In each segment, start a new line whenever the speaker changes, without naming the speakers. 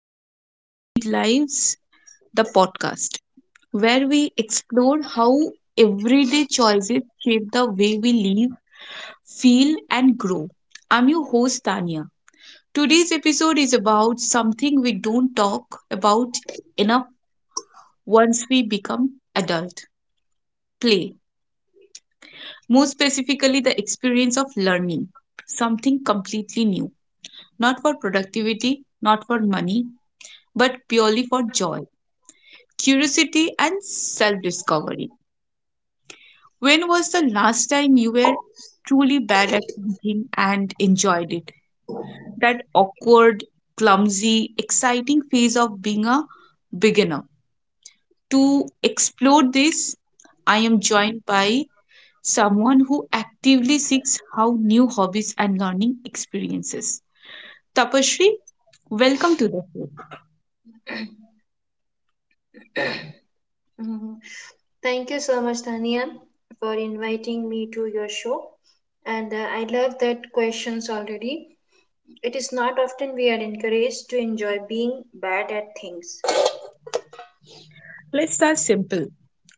Joys, Big Lives, the podcast, where we explore how everyday choices shape the way we live, feel, and grow. I'm your host, Tanya. Today's episode is about something we don't talk about enough once we become adult play. More specifically, the experience of learning something completely new, not for productivity, not for money, but purely for joy curiosity, and self discovery. When was the last time you were truly bad at something and enjoyed it? That awkward, clumsy, exciting phase of being a beginner. To explore this, I am joined by someone who actively seeks how new hobbies and learning experiences. Tapashri, welcome to the show.
Mhm. Thank you so much, Tania, for inviting me to your show. And I love that questions already. It is not often we are encouraged to enjoy being bad at things.
Let's start simple.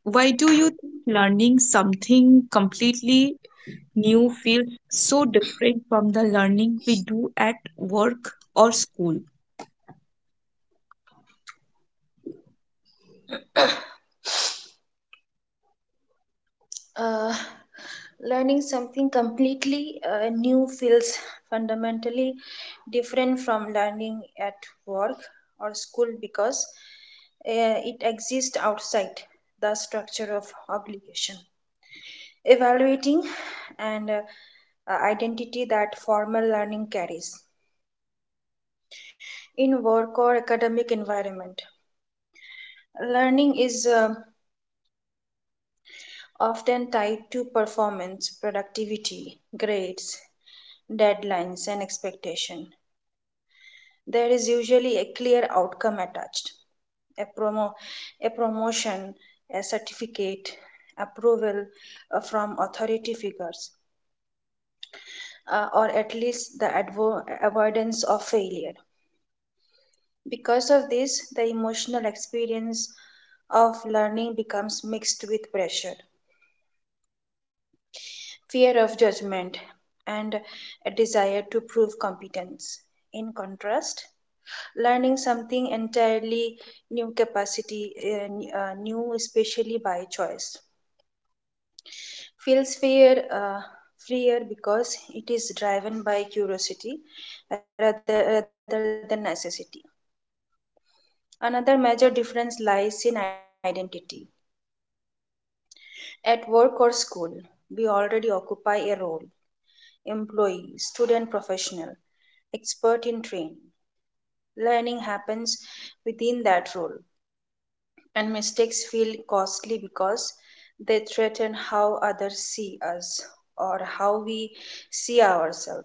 Why do you think learning something completely new feels so different from the learning we do at work or school?
Uh, Learning something completely new feels fundamentally different from learning at work or school because it exists outside the structure of obligation. Evaluating and identity that formal learning carries in work or academic environment. Learning is often tied to performance, productivity, grades, deadlines, and expectation. There is usually a clear outcome attached, a promo a promotion, a certificate, approval from authority figures, or at least the avoidance of failure. Because of this, the emotional experience of learning becomes mixed with pressure, fear of judgment, and a desire to prove competence. In contrast, learning something entirely new, especially by choice, feels freer because it is driven by curiosity rather than necessity. Another major difference lies in identity. At work or school, we already occupy a role: employee, student, professional, expert in training. Learning happens within that role, and mistakes feel costly because they threaten how others see us or how we see ourselves.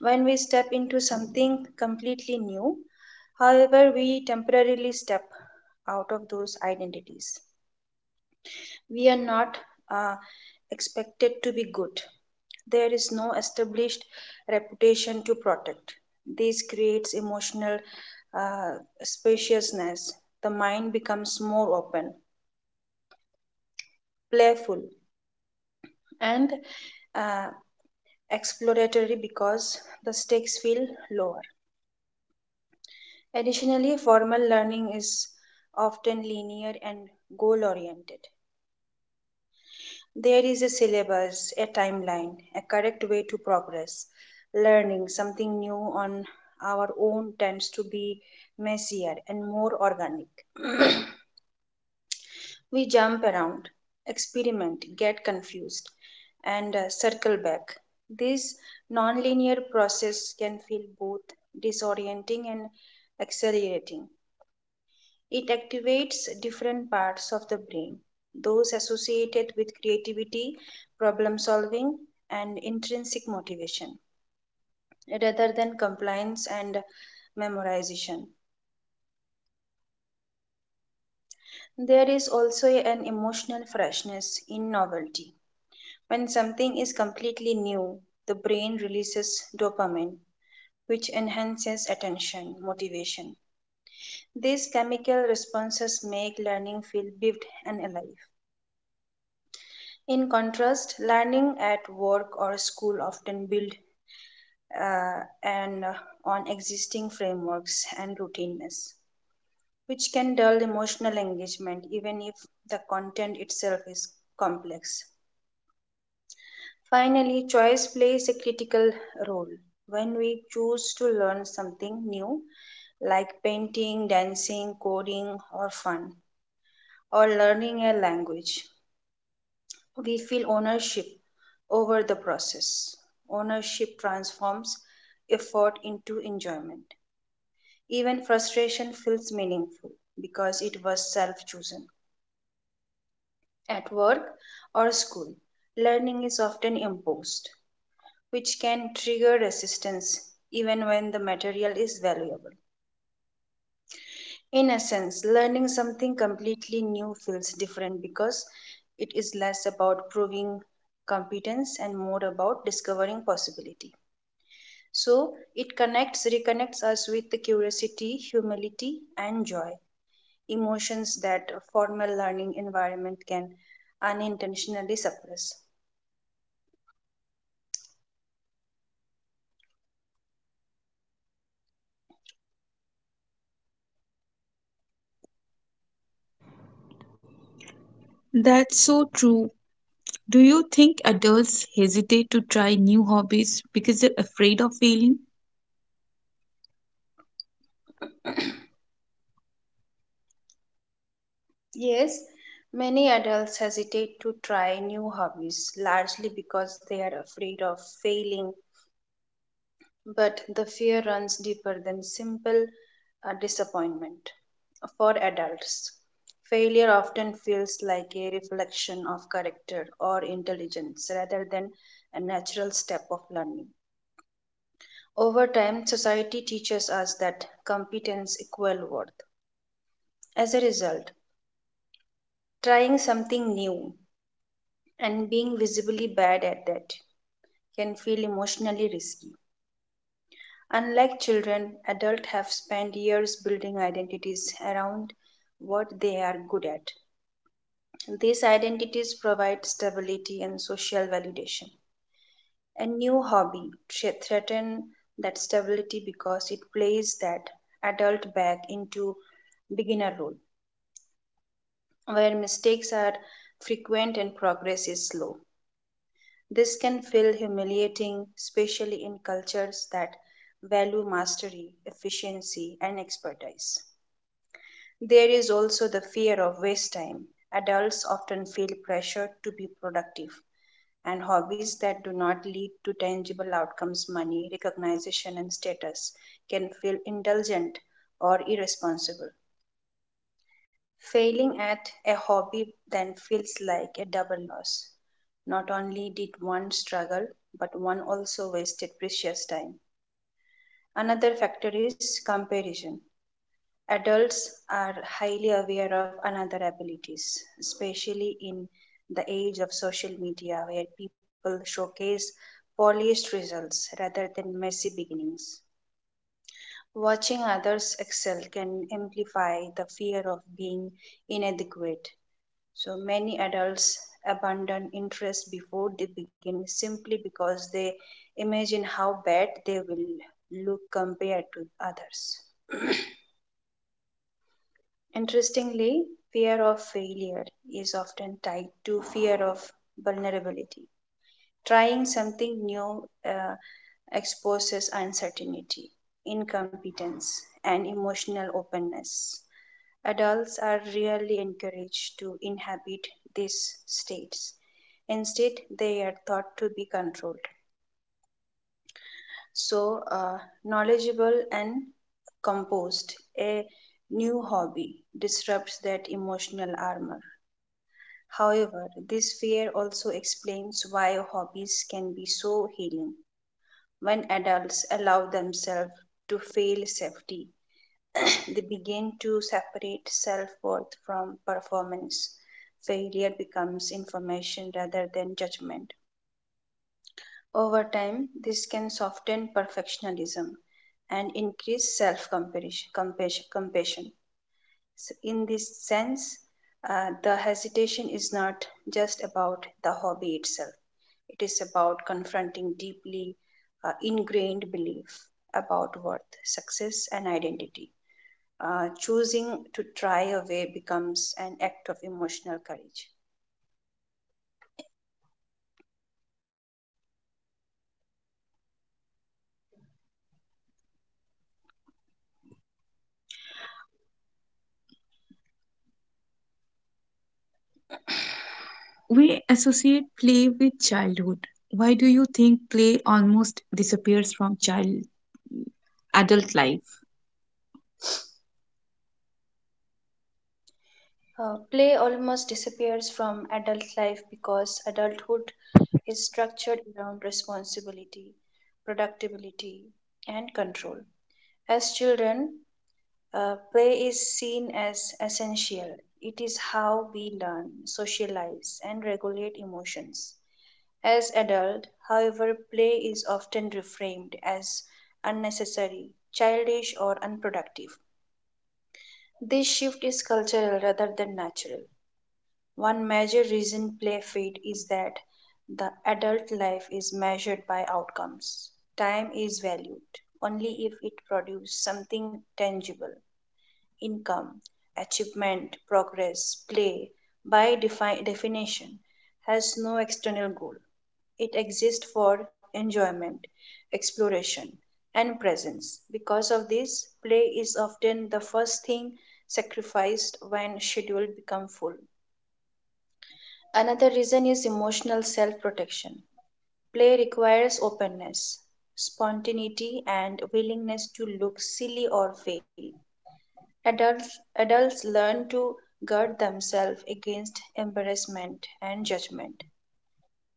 When we step into something completely new, however, we temporarily step out of those identities. We are not uh, expected to be good. There is no established reputation to protect. This creates emotional uh, spaciousness. The mind becomes more open, playful, and uh, exploratory because the stakes feel lower. Additionally, formal learning is often linear and goal oriented. There is a syllabus, a timeline, a correct way to progress. Learning something new on our own tends to be messier and more organic. We jump around, experiment, get confused, and circle back. This non-linear process can feel both disorienting and exhilarating. It activates different parts of the brain, those associated with creativity, problem solving, and intrinsic motivation, rather than compliance and memorization. There is also an emotional freshness in novelty. When something is completely new, the brain releases dopamine, which enhances attention, motivation. These chemical responses make learning feel vivid and alive. In contrast, learning at work or school often build and on existing frameworks and routines, which can dull emotional engagement even if the content itself is complex. Finally, choice plays a critical role. When we choose to learn something new, like painting, dancing, coding, or fun, or learning a language, we feel ownership over the process. Ownership transforms effort into enjoyment. Even frustration feels meaningful because it was self chosen. At work or school, learning is often imposed, which can trigger resistance even when the material is valuable. In essence, learning something completely new feels different because it is less about proving competence and more about discovering possibility. So it connects, reconnects us with the curiosity, humility, and joy, emotions that a formal learning environment can unintentionally suppress.
That's so true. Do you think adults hesitate to try new hobbies because they're afraid of failing?
Yes, many adults hesitate to try new hobbies largely because they are afraid of failing. But the fear runs deeper than simple disappointment. For adults, failure often feels like a reflection of character or intelligence rather than a natural step of learning. Over time, society teaches us that competence equals worth. As a result, trying something new and being visibly bad at that can feel emotionally risky. Unlike children, adults have spent years building identities around what they are good at. These identities provide stability and social validation. A new hobby threatens that stability because it plays that adult back into beginner role, where mistakes are frequent and progress is slow. This can feel humiliating, especially in cultures that value mastery, efficiency, and expertise. There is also the fear of waste time. Adults often feel pressure to be productive, and hobbies that do not lead to tangible outcomes, money, recognition, and status, can feel indulgent or irresponsible. Failing at a hobby then feels like a double loss. Not only did one struggle, but one also wasted precious time. Another factor is comparison. Adults are highly aware of another abilities, especially in the age of social media where people showcase polished results rather than messy beginnings. Watching others excel can amplify the fear of being inadequate. So many adults abandon interest before they begin simply because they imagine how bad they will look compared to others. Interestingly, fear of failure is often tied to fear of vulnerability. Trying something new exposes uncertainty, incompetence, and emotional openness. Adults are rarely encouraged to inhabit these states. Instead, they are thought to be controlled. So, knowledgeable and composed, a new hobby disrupts that emotional armor. However, this fear also explains why hobbies can be so healing. When adults allow themselves to feel safety, they begin to separate self worth from performance. Failure becomes information rather than judgment. Over time, this can soften perfectionism and increase self compassion. So in this sense, the hesitation is not just about the hobby itself. It is about confronting deeply ingrained belief about worth, success, and identity. Choosing to try away becomes an act of emotional courage.
We associate play with childhood. Why do you think play almost disappears from child adult life?
Play almost disappears from adult life because adulthood is structured around responsibility, productivity, and control. As children, play is seen as essential. It is how we learn, socialize, and regulate emotions. As adult, however, play is often reframed as unnecessary, childish, or unproductive. This shift is cultural rather than natural. One major reason play fade is that the adult life is measured by outcomes. Time is valued only if it produces something tangible: income, achievement, progress. Play, by definition, has no external goal. It exists for enjoyment, exploration, and presence. Because of this, play is often the first thing sacrificed when schedule become full. Another reason is emotional self protection. Play requires openness, spontaneity, and willingness to look silly or fail. Adults learn to guard themselves against embarrassment and judgment.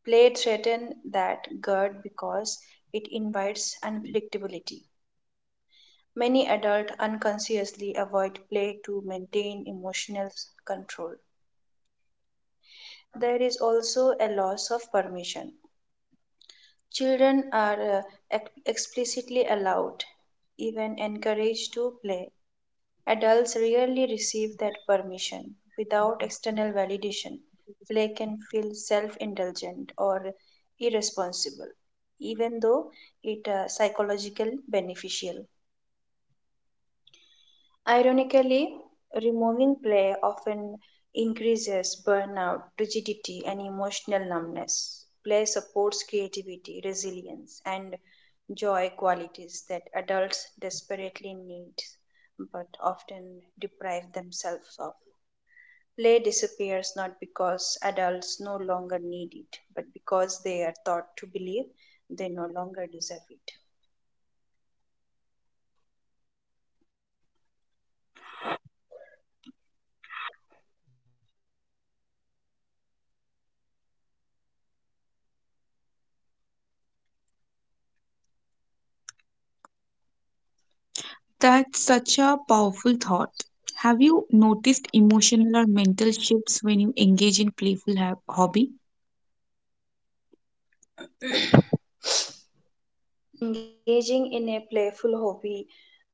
Play threatens that guard because it invites unpredictability. Many adults unconsciously avoid play to maintain emotional control. There is also a loss of permission. Children are explicitly allowed, even encouraged to play. Adults rarely receive that permission. Without external validation, play can feel self indulgent or irresponsible, even though it psychological beneficial. Ironically, removing play often increases burnout, rigidity, and emotional numbness. Play supports creativity, resilience, and joy qualities that adults desperately need but often deprive themselves of. Play disappears not because adults no longer need it, but because they are taught to believe they no longer deserve it.
That's such a powerful thought. Have you noticed emotional or mental shifts when you engage in playful hobby?
Engaging in a playful hobby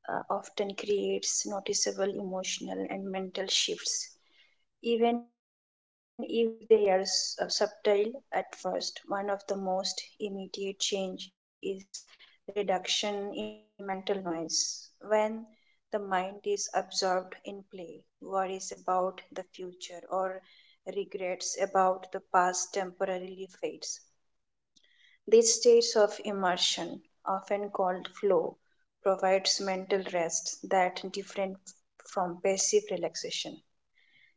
often creates noticeable emotional and mental shifts, even if they are subtle at first. One of the most immediate change is reduction in mental noise. When the mind is absorbed in play, worries about the future or regrets about the past temporarily fades these states of immersion, often called flow, provides mental rest that different from passive relaxation.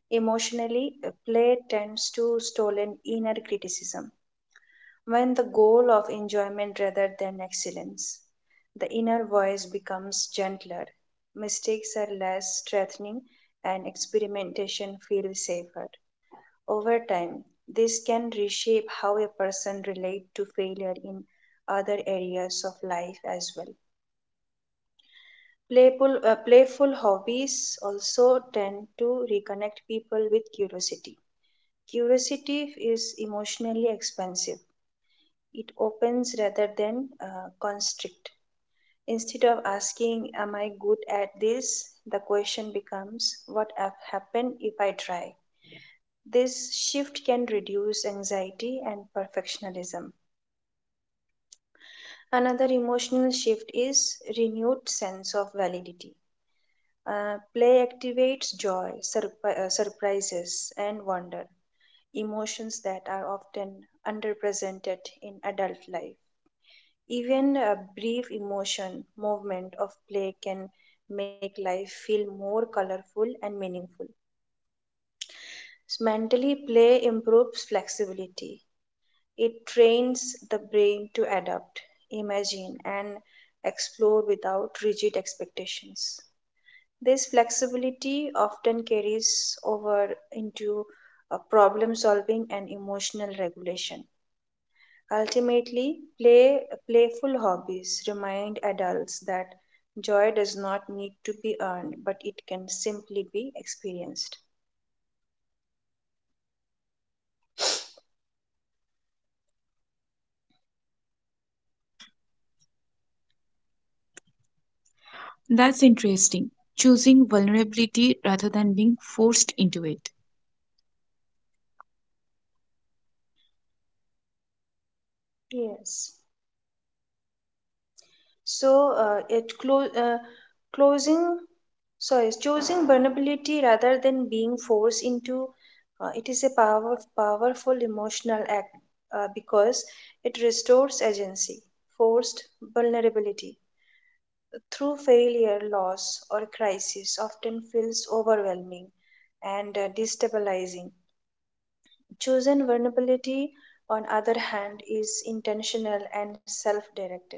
Emotionally, play tends to stolen inner criticism when the goal of enjoyment rather than excellence. The inner voice becomes gentler, mistakes are less threatening, and experimentation feels safer. Over time, this can reshape how a person relates to failure in other areas of life as well. Playful hobbies also tend to reconnect people with curiosity. Curiosity is emotionally expansive. It opens rather than constrict. Instead of asking, "Am I good at this?" the question becomes, "What have happened if I try?" This shift can reduce anxiety and perfectionism. Another emotional shift is renewed sense of validity. Play activates joy, surprises, and wonder, emotions that are often underrepresented in adult life. Even a brief emotion movement of play can make life feel more colorful and meaningful. Mentally, play improves flexibility. It trains the brain to adapt, imagine, and explore without rigid expectations. This flexibility often carries over into problem solving and emotional regulation. Ultimately, play, playful hobbies remind adults that joy does not need to be earned, but it can simply be experienced.
That's interesting. Choosing vulnerability rather than being forced into it.
Yes. So, closing, sorry, choosing vulnerability rather than being forced into it is a powerful emotional act because it restores agency. Forced vulnerability through failure, loss, or crisis often feels overwhelming and destabilizing. Chosen vulnerability, on other hand, is intentional and self-directed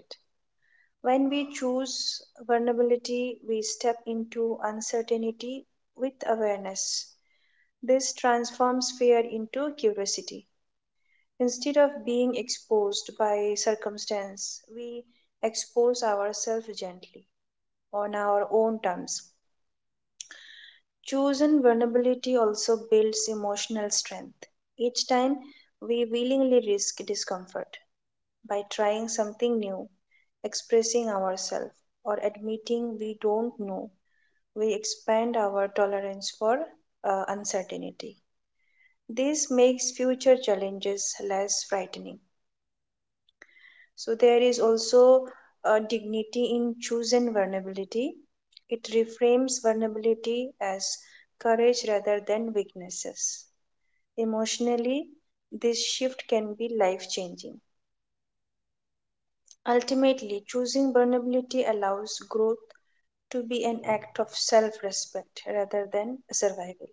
when we choose vulnerability, we step into uncertainty with awareness. This transforms fear into curiosity. Instead of being exposed by circumstance, we expose ourselves gently on our own terms. Chosen vulnerability also builds emotional strength. Each time we willingly risk discomfort, by trying something new, expressing ourselves, or admitting we don't know, we expand our tolerance for uncertainty. This makes future challenges less frightening. So, there is also a dignity in choosing vulnerability. It reframes vulnerability as courage rather than weaknesses. Emotionally, this shift can be life changing. Ultimately, choosing vulnerability allows growth to be an act of self respect rather than survival.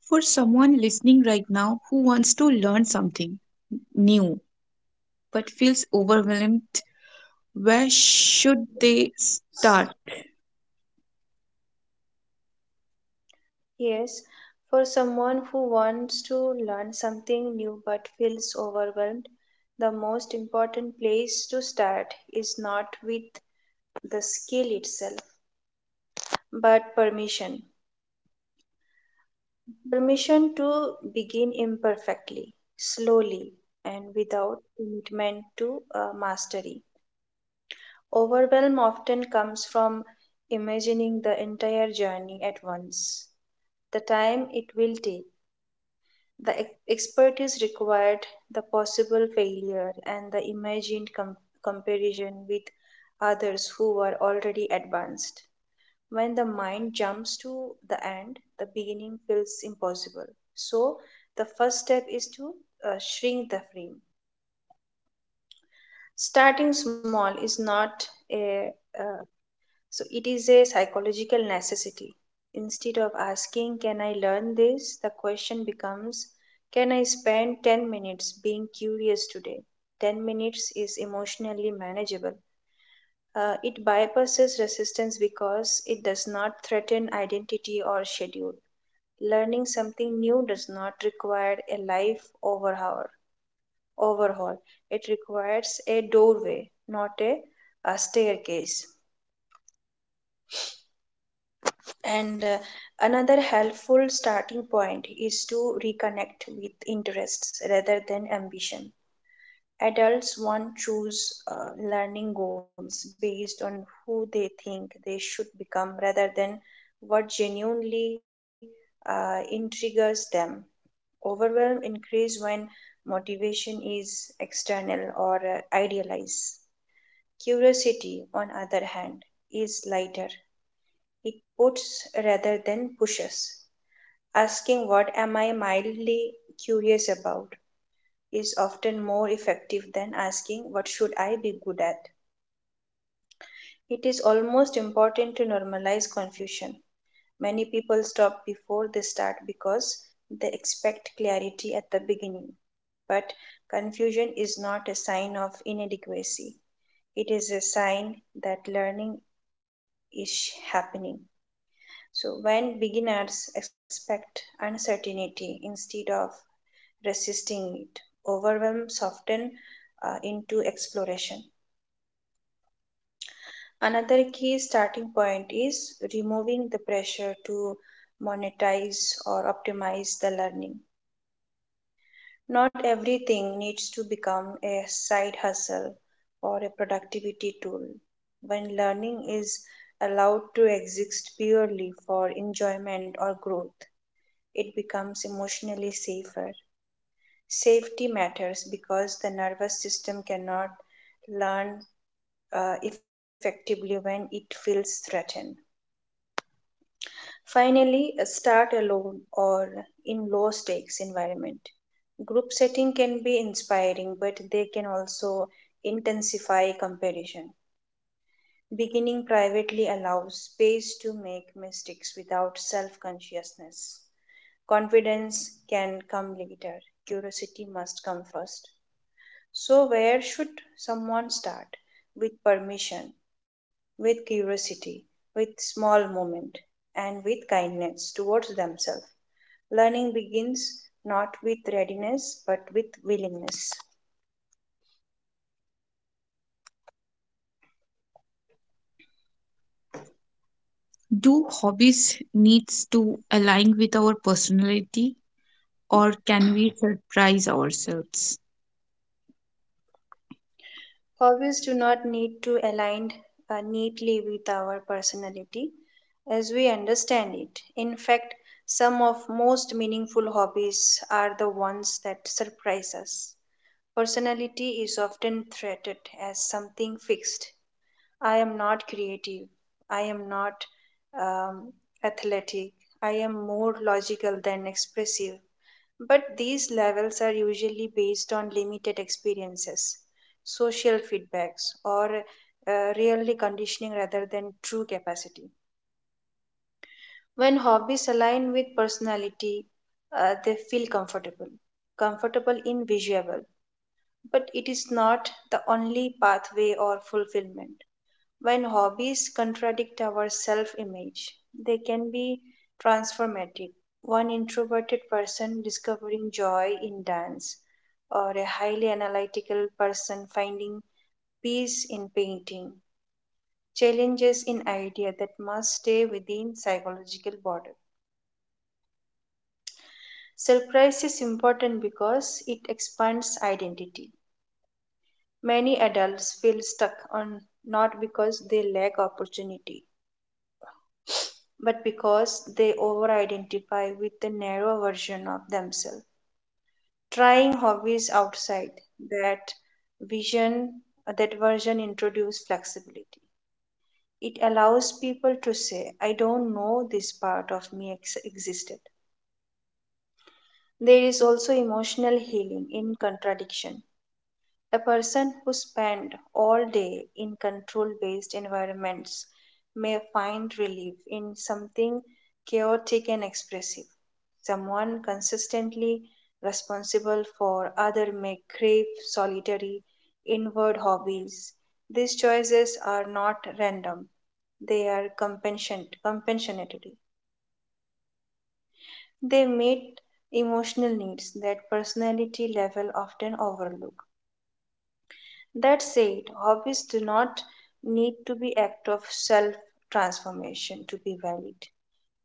For someone listening right now who wants to learn something new but feels overwhelmed, where should they start?
Yes, for someone who wants to learn something new but feels overwhelmed, the most important place to start is not with the skill itself, but permission. Permission to begin imperfectly, slowly, and without commitment to mastery. Overwhelm often comes from imagining the entire journey at once: the time it will take, the expertise required, the possible failure, and the imagined comparison with others who were already advanced. When the mind jumps to the end, the beginning feels impossible. So, the first step is to shrink the frame. Starting small is not a, uh, So it is a psychological necessity. Instead of asking, can I learn this? The question becomes, can I spend 10 minutes being curious today? 10 minutes is emotionally manageable. It bypasses resistance because it does not threaten identity or schedule. Learning something new does not require a life overhaul. It requires a doorway, not a staircase. And another helpful starting point is to reconnect with interests rather than ambition. Adults want choose learning goals based on who they think they should become rather than what genuinely intrigues them. Overwhelm increase when motivation is external or idealized. Curiosity, on other hand, is lighter. It puts rather than pushes. Asking what am I mildly curious about is often more effective than asking what should I be good at. It is almost important to normalize confusion. Many people stop before they start because they expect clarity at the beginning. But confusion is not a sign of inadequacy, it is a sign that learning is happening. So, when beginners expect uncertainty instead of resisting it, overwhelm soften into exploration. Another key starting point is removing the pressure to monetize or optimize the learning. Not everything needs to become a side hustle or a productivity tool. When learning is allowed to exist purely for enjoyment or growth, it becomes emotionally safer. Safety matters because the nervous system cannot learn effectively when it feels threatened. Finally, start alone or in low stakes environment. Group setting can be inspiring, but they can also intensify comparison. Beginning privately allows space to make mistakes without self consciousness. Confidence can come later, curiosity must come first. So, where should someone start? With permission, with curiosity, with small moment, and with kindness towards themselves. Learning begins not with readiness but with willingness.
Do hobbies needs to align with our personality or can we surprise ourselves?
Hobbies do not need to align neatly with our personality as we understand it. In fact, some of most meaningful hobbies are the ones that surprise us. Personality is often treated as something fixed. I am not creative. I am not um, athletic. I am more logical than expressive. But these levels are usually based on limited experiences, social feedbacks, or really conditioning rather than true capacity. When hobbies align with personality, they feel comfortable in visual, but it is not the only pathway or fulfillment. When hobbies contradict our self image, they can be transformative. One introverted person discovering joy in dance, or a highly analytical person finding peace in painting, challenges in idea that must stay within psychological border. Surprise is important because it expands identity. Many adults feel stuck on not because they lack opportunity, but because they over identify with the narrow version of themselves. Trying hobbies outside that vision, that version introduces flexibility. It allows people to say, I don't know this part of me existed. There is also emotional healing in contradiction. A person who spends all day in control based environments may find relief in something chaotic and expressive. Someone consistently responsible for others may crave solitary, inward hobbies. These choices are not random, they are compensatory. They meet emotional needs that personality level often overlook. That said, hobbies do not need to be act of self transformation to be valid.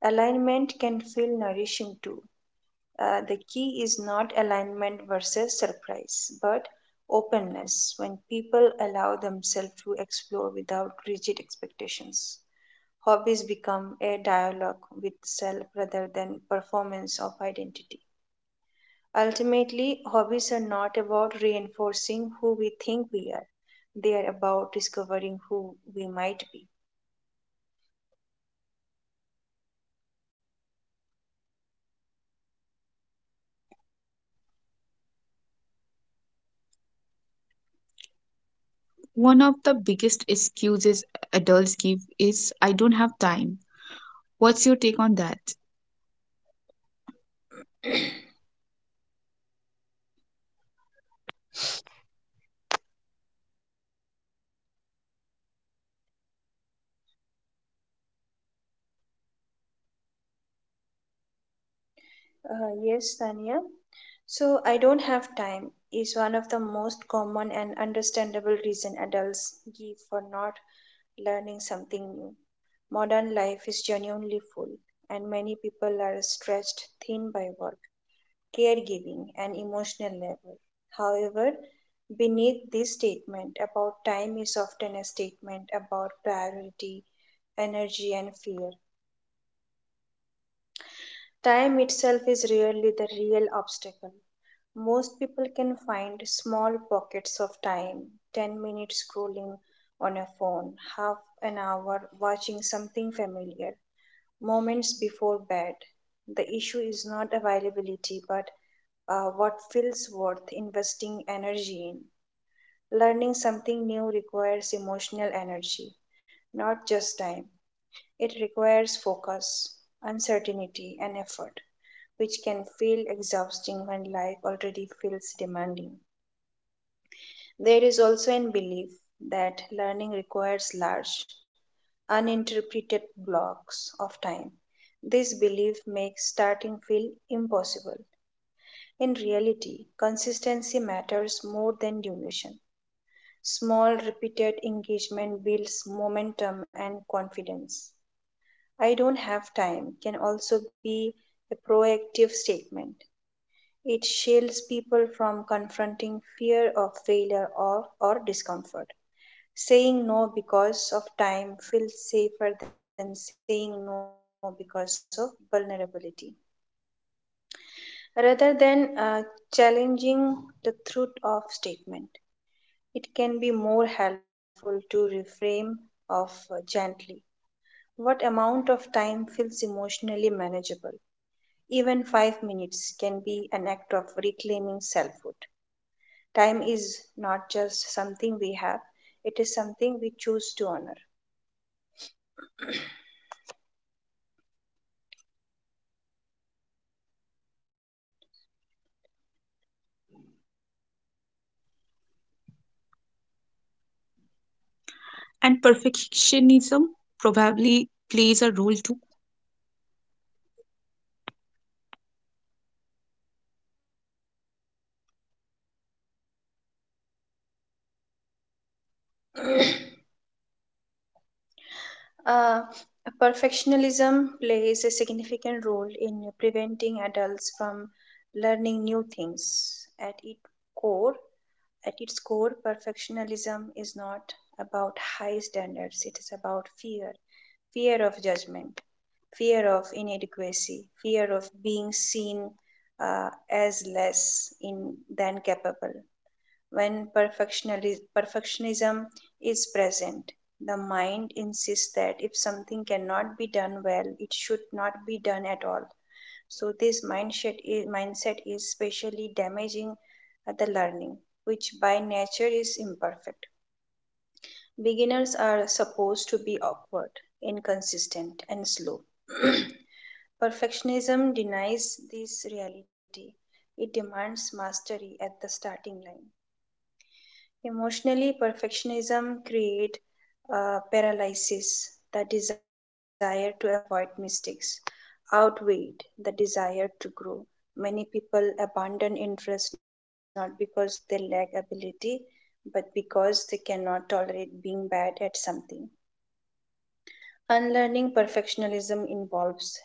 Alignment can feel nourishing too. The key is not alignment versus surprise, but openness when people allow themselves to explore without rigid expectations. Hobbies become a dialogue with self rather than performance of identity. Ultimately, hobbies are not about reinforcing who we think we are, they are about discovering who we might be.
One of the biggest excuses adults give is I don't have time. What's your take on that?
Yes, Tanya. So, I don't have time is one of the most common and understandable reason adults give for not learning something new. Modern life is genuinely full, and many people are stretched thin by work caregiving, and emotional level. However, beneath this statement about time is often a statement about priority, energy, and fear. Time itself is really the real obstacle. Most people can find small pockets of time: 10 minutes scrolling on a phone, half an hour watching something familiar, moments before bed. The issue is not availability but what feels worth investing energy in. Learning something new requires emotional energy, not just time. It requires focus, uncertainty, and effort, which can feel exhausting when life already feels demanding. There is also a belief that learning requires large, uninterpreted blocks of time. This belief makes starting feel impossible. In reality, consistency matters more than duration. Small, repeated engagement builds momentum and confidence. I don't have time can also be a proactive statement. It shields people from confronting fear of failure or discomfort. Saying no because of time feels safer than saying no because of vulnerability. Rather than challenging the truth of statement, it can be more helpful to reframe of gently. What amount of time feels emotionally manageable? Even 5 minutes can be an act of reclaiming selfhood. Time is not just something we have, it is something we choose to honor.
And perfectionism probably plays a role too.
Uh, perfectionism plays a significant role in preventing adults from learning new things. Core, At its core, perfectionism is not about high standards, it is about fear, fear of judgment, fear of inadequacy, fear of being seen as less in, than capable. When perfectionism is present, the mind insists that if something cannot be done well, it should not be done at all. So this mindset is especially damaging the learning, which by nature is imperfect. Beginners are supposed to be awkward, inconsistent, and slow. Perfectionism denies this reality. It demands mastery at the starting line. Emotionally, perfectionism create paralysis. The desire to avoid mistakes outweighed the desire to grow. Many people abandon interest not because they lack ability, but because they cannot tolerate being bad at something. Unlearning perfectionism involves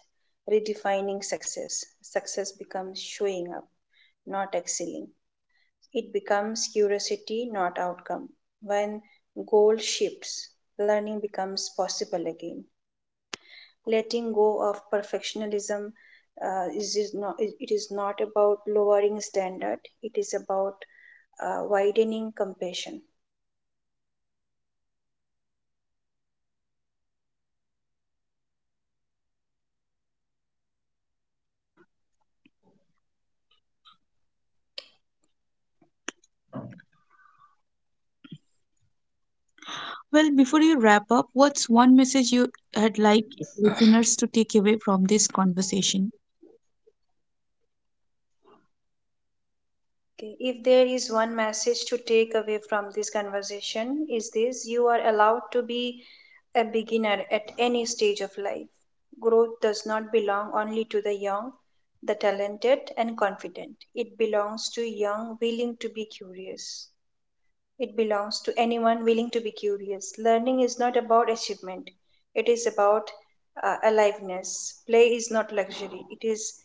redefining success. Success becomes showing up, not excelling. It becomes curiosity, not outcome. When goal shifts, learning becomes possible again. Letting go of perfectionism is not, it is not about lowering standard. It is about widening compassion.
Well, before you wrap up, what's one message you had like listeners to take away from this conversation?
Okay. If there is one message to take away from this conversation, is this: you are allowed to be a beginner at any stage of life. Growth does not belong only to the young, the talented, and confident. It belongs to young willing to be curious. It belongs to anyone willing to be curious. Learning is not about achievement, it is about aliveness. Play is not luxury,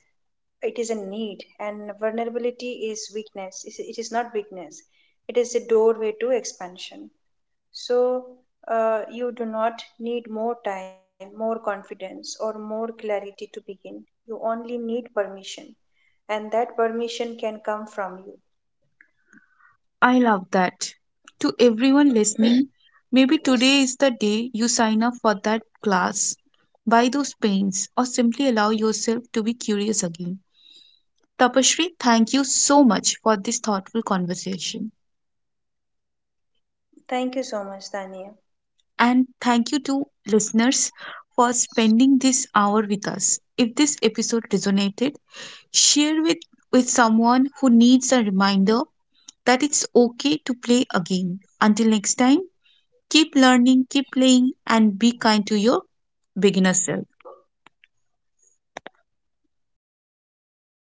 it is a need, and vulnerability is weakness. Not weakness, it is a doorway to expansion. So, you do not need more time, more confidence, or more clarity to begin. You only need permission, and that permission can come from you.
I love that. To everyone listening, maybe today is the day you sign up for that class, buy those paints, or simply allow yourself to be curious again. Tapashri, thank you so much for this thoughtful conversation.
Thank you so much, Dania.
And thank you to listeners for spending this hour with us. If this episode resonated, share with, with someone who needs a reminder that it's okay to play again. Until next time, keep learning, keep playing, and be kind to your beginner self.